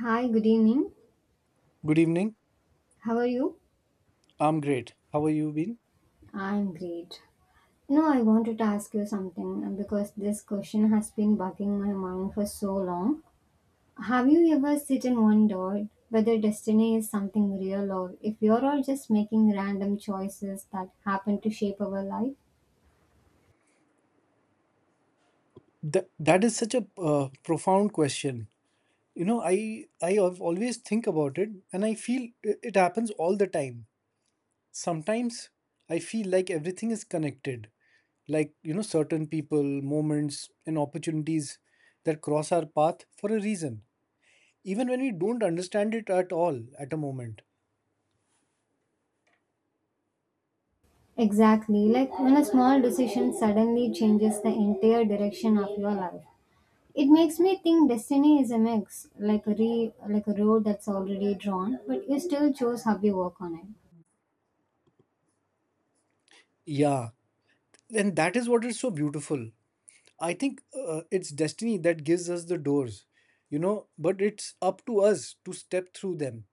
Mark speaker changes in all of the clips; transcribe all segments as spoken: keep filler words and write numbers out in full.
Speaker 1: Hi, good evening.
Speaker 2: Good evening.
Speaker 1: How are you?
Speaker 2: I'm great. How are you been?
Speaker 1: I'm great. No, I wanted to ask you something uh, because this question has been bugging my mind for so long. Have you ever sit and wondered whether destiny is something real or if we are all just making random choices that happen to shape our life?
Speaker 2: That, that is such a uh, profound question. You know, I I have always think about it and I feel i- it happens all the time. Sometimes I feel like everything is connected. Like, you know, certain people, moments and opportunities that cross our path for a reason, even when we don't understand it at all at a moment.
Speaker 1: Exactly, like when a small decision suddenly changes the entire direction of your life. It makes me think destiny is a mix, like a re, like a road that's already drawn, but you still chose how you walk on it.
Speaker 2: Yeah. And that is what is so beautiful. I think uh, it's destiny that gives us the doors, you know, but it's up to us to step through them.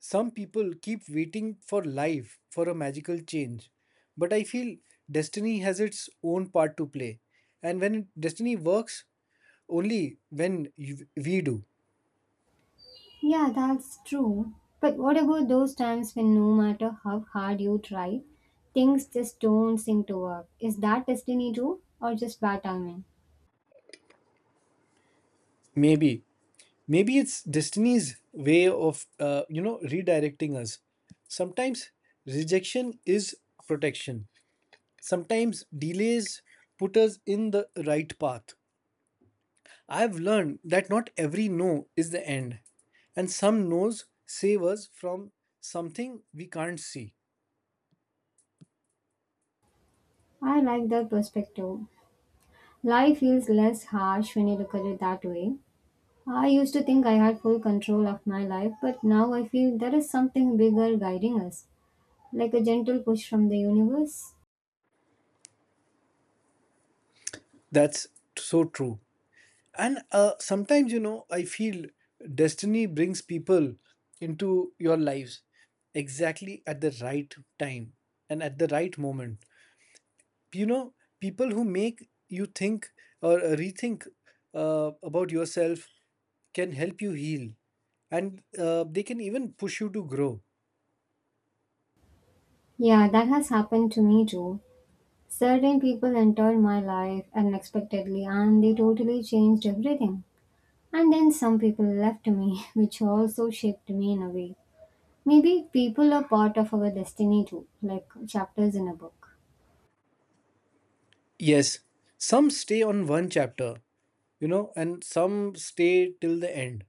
Speaker 2: Some people keep waiting for life for a magical change, but I feel destiny has its own part to play. And when destiny works, only when you, we do.
Speaker 1: Yeah, that's true. But what about those times when no matter how hard you try, things just don't seem to work? Is that destiny too, or just bad timing?
Speaker 2: Maybe. Maybe it's destiny's way of, uh, you know, redirecting us. Sometimes rejection is protection. Sometimes delays put us in the right path. I've learned that not every no is the end, and some no's save us from something we can't see.
Speaker 1: I like that perspective. Life feels less harsh when you look at it that way. I used to think I had full control of my life, but now I feel there is something bigger guiding us, like a gentle push from the universe.
Speaker 2: That's so true. And uh, sometimes, you know, I feel destiny brings people into your lives exactly at the right time and at the right moment. You know, people who make you think or uh, rethink uh, about yourself, can help you heal, and uh, they can even push you to grow.
Speaker 1: Yeah, that has happened to me too. Certain people entered my life unexpectedly and they totally changed everything. And then some people left me, which also shaped me in a way. Maybe people are part of our destiny too, like chapters in a book.
Speaker 2: Yes, some stay on one chapter, you know, and some stay till the end,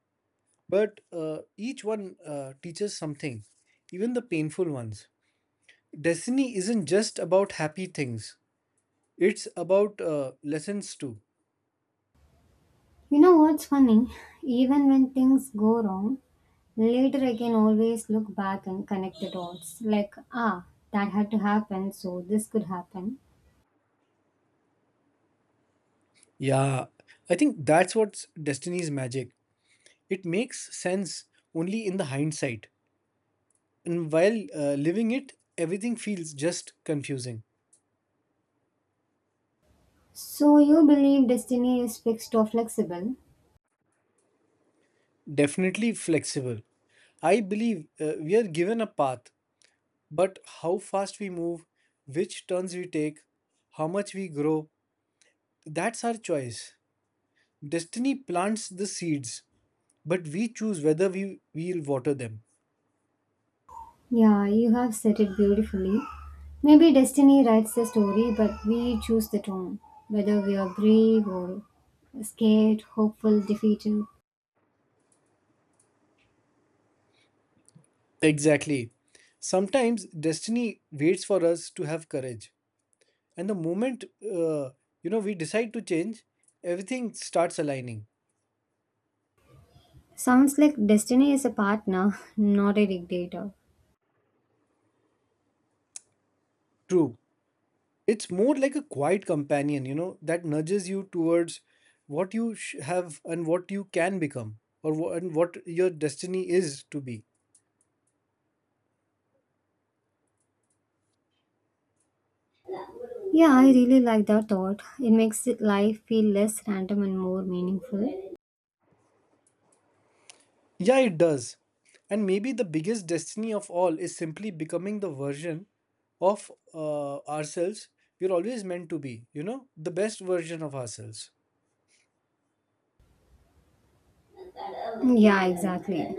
Speaker 2: but uh, each one uh, teaches something, even the painful ones. Destiny isn't just about happy things, it's about uh, lessons too.
Speaker 1: You know what's funny? Even when things go wrong, later I can always look back and connect the dots. Like, ah, that had to happen, so this could happen.
Speaker 2: Yeah, I think that's what's destiny's magic. It makes sense only in the hindsight. And while uh, living it, everything feels just confusing.
Speaker 1: So you believe destiny is fixed or flexible?
Speaker 2: Definitely flexible. I believe uh, we are given a path, but how fast we move, which turns we take, how much we grow, that's our choice. Destiny plants the seeds, but we choose whether we will water them.
Speaker 1: Yeah, you have said it beautifully. Maybe destiny writes the story, but we choose the tone, whether we are brave or scared, hopeful, defeated.
Speaker 2: Exactly. Sometimes destiny waits for us to have courage. And the moment uh, you know, we decide to change, everything starts aligning.
Speaker 1: Sounds like destiny is a partner, not a dictator.
Speaker 2: True, it's more like a quiet companion, you know, that nudges you towards what you sh- have and what you can become, or wh- and what your destiny is to be.
Speaker 1: Yeah, I really like that thought. It makes it- life feel less random and more meaningful.
Speaker 2: Yeah, it does. And maybe the biggest destiny of all is simply becoming the version of uh, ourselves we're always meant to be, you know, the best version of ourselves.
Speaker 1: Yeah, exactly.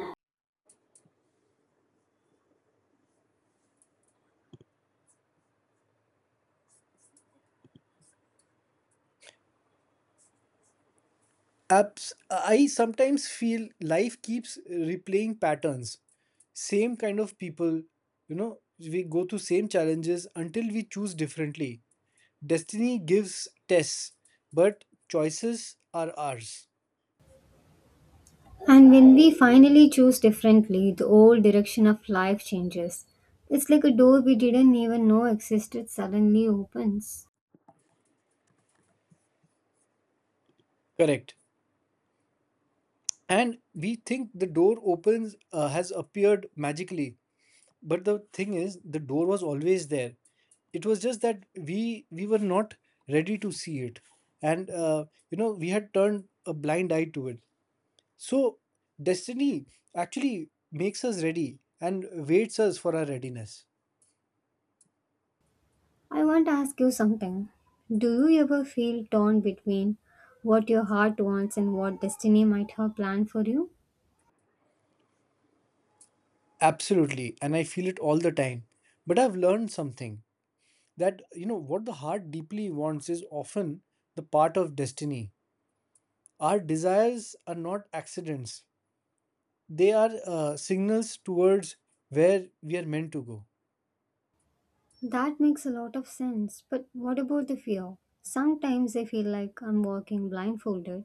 Speaker 2: Abs- I sometimes feel life keeps replaying patterns. Same kind of people, you know, we go through same challenges until we choose differently. Destiny gives tests, but choices are ours.
Speaker 1: And when we finally choose differently, the old direction of life changes. It's like a door we didn't even know existed suddenly opens.
Speaker 2: Correct. And we think the door opens uh, has appeared magically, but the thing is the door was always there, it was just that we we were not ready to see it, and uh, you know, we had turned a blind eye to it. So destiny actually makes us ready and waits us for our readiness.
Speaker 1: I want to ask you something. Do you ever feel torn between what your heart wants and what destiny might have planned for you?
Speaker 2: Absolutely, and I feel it all the time, but I've learned something, that you know what the heart deeply wants is often the part of destiny. Our desires are not accidents. They are uh, signals towards where we are meant to go.
Speaker 1: That makes a lot of sense. But what about the fear? Sometimes I feel like I'm walking blindfolded.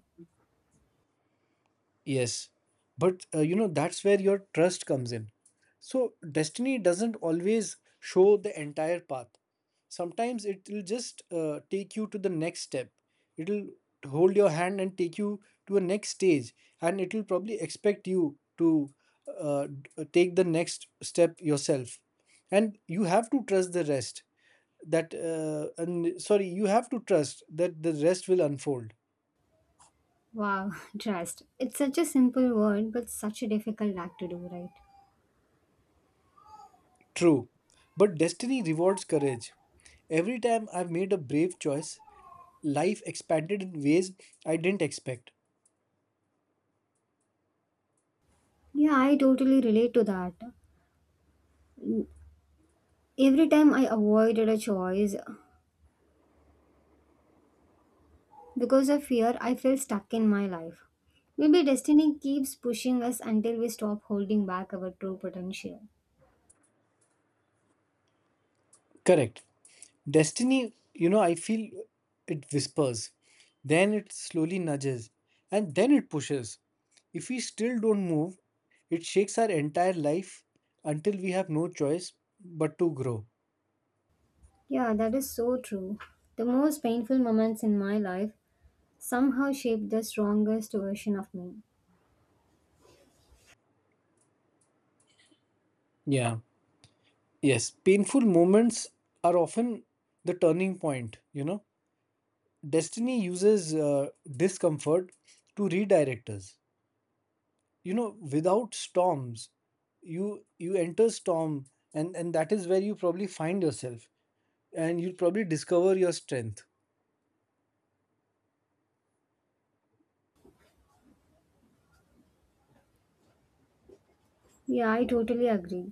Speaker 2: Yes, but uh, you know, that's where your trust comes in. So, destiny doesn't always show the entire path. Sometimes it will just uh, take you to the next step. It'll hold your hand and take you to a next stage, and it will probably expect you to uh, d- uh, take the next step yourself. And you have to trust the rest that, uh, and sorry, you have to trust that the rest will unfold.
Speaker 1: Wow, trust. It's such a simple word, but such a difficult act to do, right?
Speaker 2: True, but destiny rewards courage. Every time I've made a brave choice, life expanded in ways I didn't expect.
Speaker 1: Yeah, I totally relate to that. Every time I avoided a choice because of fear, I feel stuck in my life. Maybe destiny keeps pushing us until we stop holding back our true potential.
Speaker 2: Correct. Destiny, you know, I feel it whispers, then it slowly nudges, and then it pushes. If we still don't move, it shakes our entire life until we have no choice but to grow.
Speaker 1: Yeah, that is so true. The most painful moments in my life somehow shaped the strongest version of me.
Speaker 2: Yeah. Yes. Painful moments are often the turning point, you know. Destiny uses uh, discomfort to redirect us. You know, without storms, you you enter storm, and and that is where you probably find yourself, and you probably discover your strength.
Speaker 1: Yeah, I totally agree.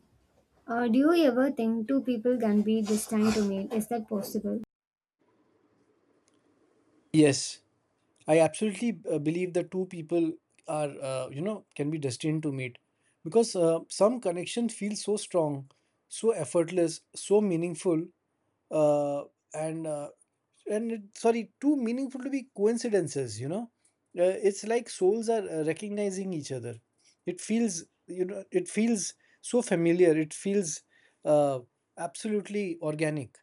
Speaker 1: Uh, do you ever think two people can be destined to meet? Is that possible?
Speaker 2: Yes, I absolutely uh, believe that two people are, uh, you know, can be destined to meet because uh, some connections feel so strong, so effortless, so meaningful, uh, and uh, and it, sorry, too meaningful to be coincidences. You know, uh, it's like souls are uh, recognizing each other. It feels, you know, it feels so familiar. It feels uh, absolutely organic.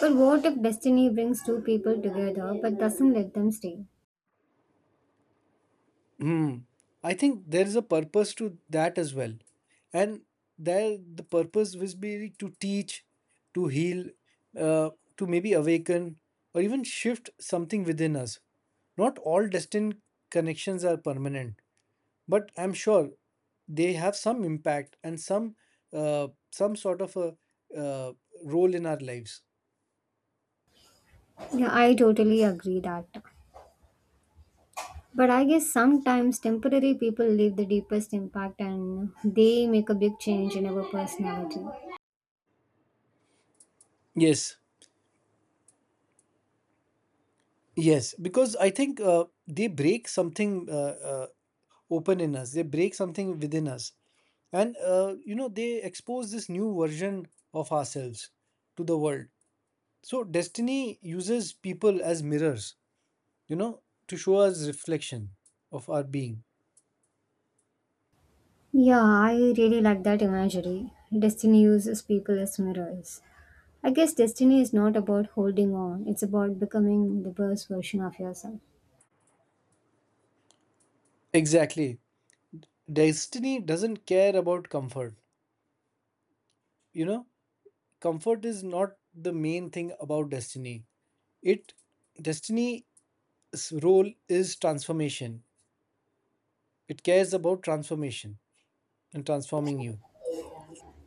Speaker 1: But what if destiny brings two people together but doesn't let them stay?
Speaker 2: Hmm. I think there is a purpose to that as well. And there the purpose was be to teach, to heal, uh, to maybe awaken or even shift something within us. Not all destined connections are permanent, but I'm sure they have some impact and some uh, some sort of a uh, role in our lives.
Speaker 1: Yeah, I totally agree that. But I guess sometimes temporary people leave the deepest impact and they make a big change in our personality.
Speaker 2: Yes, yes, because I think uh, they break something uh, uh, open in us, they break something within us, and uh, you know, they expose this new version of ourselves to the world. So destiny uses people as mirrors, you know, to show us reflection of our being.
Speaker 1: Yeah, I really like that imagery. Destiny uses people as mirrors. I guess destiny is not about holding on, it's about becoming the best version of yourself.
Speaker 2: Exactly, destiny doesn't care about comfort, you know, comfort is not the main thing about destiny. It, destiny's role is transformation, it cares about transformation and transforming you.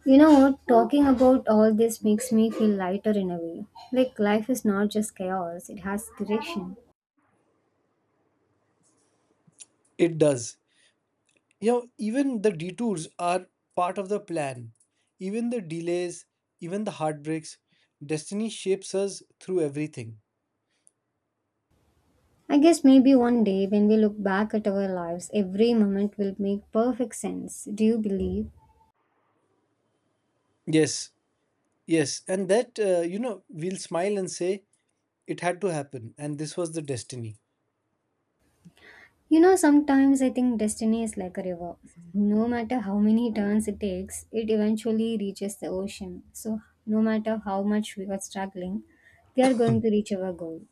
Speaker 1: You know what? Talking about all this makes me feel lighter in a way. Like life is not just chaos, it has direction.
Speaker 2: It does, you know, even the detours are part of the plan, even the delays, even the heartbreaks, destiny shapes us through everything.
Speaker 1: I guess maybe one day when we look back at our lives, every moment will make perfect sense. Do you believe?
Speaker 2: Yes, yes, and that uh, you know, we'll smile and say it had to happen and this was the destiny.
Speaker 1: You know, sometimes I think destiny is like a river. No matter how many turns it takes, it eventually reaches the ocean. So, no matter how much we are struggling, we are going to reach our goal.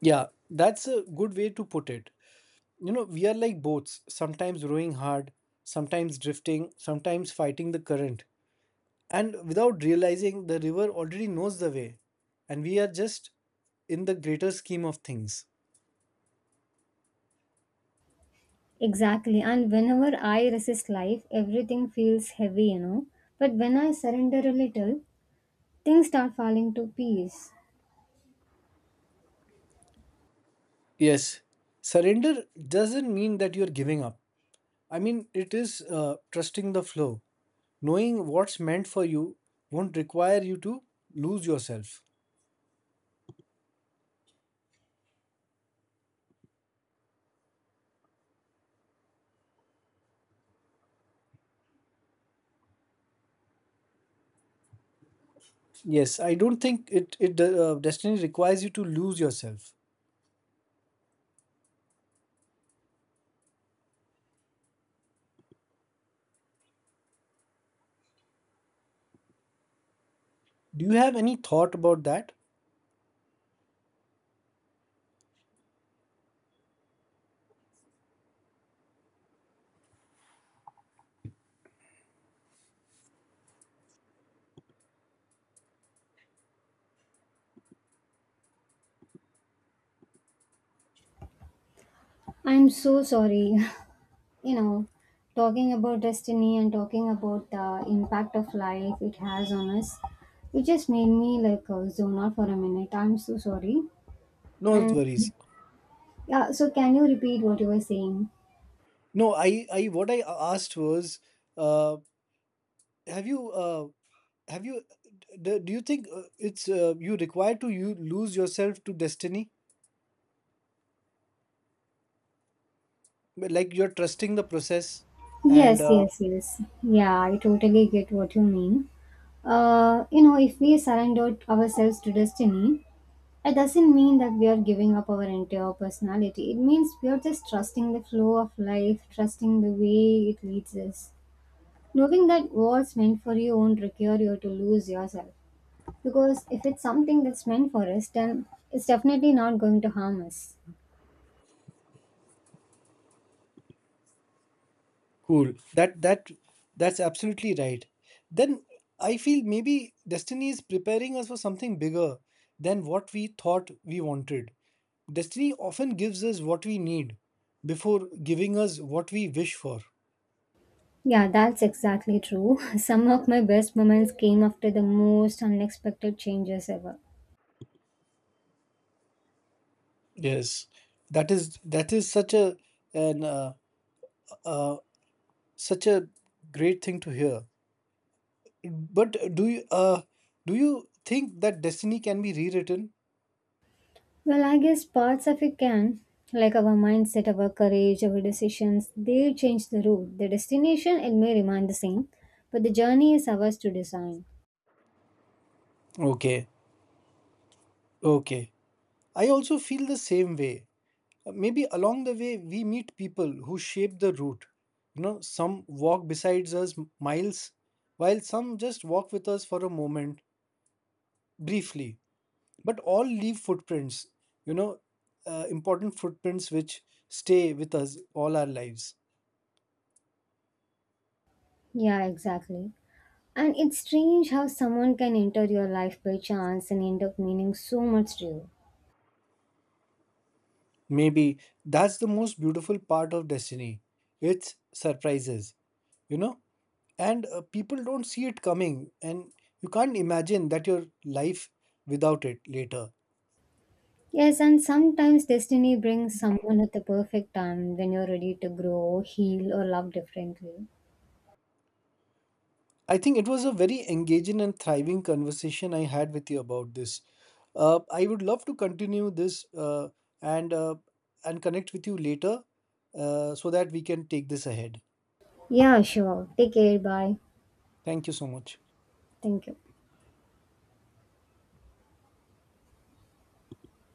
Speaker 2: Yeah, that's a good way to put it. You know, we are like boats, sometimes rowing hard, sometimes drifting, sometimes fighting the current, and without realizing the river already knows the way, and we are just in the greater scheme of things.
Speaker 1: Exactly. And whenever I resist life, everything feels heavy, you know. But when I surrender a little, things start falling to peace.
Speaker 2: Yes, surrender doesn't mean that you're giving up. I mean, it is uh, trusting the flow. Knowing what's meant for you won't require you to lose yourself. Yes, I don't think it it uh, destiny requires you to lose yourself. Do you have any thought about that?
Speaker 1: I'm so sorry. You know, talking about destiny and talking about the impact of life it has on us, it just made me like uh, zone out for a minute. I'm so sorry.
Speaker 2: No
Speaker 1: And
Speaker 2: worries.
Speaker 1: yeah, so can you repeat what you were saying?
Speaker 2: No, I I what I asked was, uh, have you uh, have you do, do you think uh, it's uh, you require to you lose yourself to destiny? But, like you're trusting the process, and
Speaker 1: yes
Speaker 2: uh,
Speaker 1: yes yes yeah, I totally get what you mean. Uh, you know, if we surrender ourselves to destiny, it doesn't mean that we are giving up our entire personality. It means we are just trusting the flow of life, trusting the way it leads us. Knowing that what's meant for you won't require you to lose yourself. Because if it's something that's meant for us, then it's definitely not going to harm us.
Speaker 2: cool. that that that's absolutely right. Then I feel maybe destiny is preparing us for something bigger than what we thought we wanted. Destiny often gives us what we need before giving us what we wish for.
Speaker 1: Yeah, that's exactly true. Some of my best moments came after the most unexpected changes ever.
Speaker 2: Yes. that is that is such a an uh, uh, such a great thing to hear, but do you uh, do you think that destiny can be rewritten?
Speaker 1: Well, I guess parts of it can, like our mindset, our courage, our decisions, they change the route. The destination, it may remain the same, but the journey is ours to design.
Speaker 2: Okay. Okay. I also feel the same way. Uh, Maybe along the way, we meet people who shape the route. You know, some walk besides us m- miles, while some just walk with us for a moment, briefly. But all leave footprints, you know, uh, important footprints which stay with us all our lives.
Speaker 1: Yeah, exactly. And it's strange how someone can enter your life by chance and end up meaning so much to you.
Speaker 2: Maybe that's the most beautiful part of destiny. It's surprises, you know? And uh, people don't see it coming and you can't imagine that your life without it later.
Speaker 1: Yes, and sometimes destiny brings someone at the perfect time when you're ready to grow, heal, or love differently.
Speaker 2: I think it was a very engaging and thriving conversation I had with you about this. uh, I would love to continue this, uh, and uh, and connect with you later, uh, so that we can take this ahead.
Speaker 1: Yeah, sure. Take care. Bye.
Speaker 2: Thank you so much.
Speaker 1: Thank you.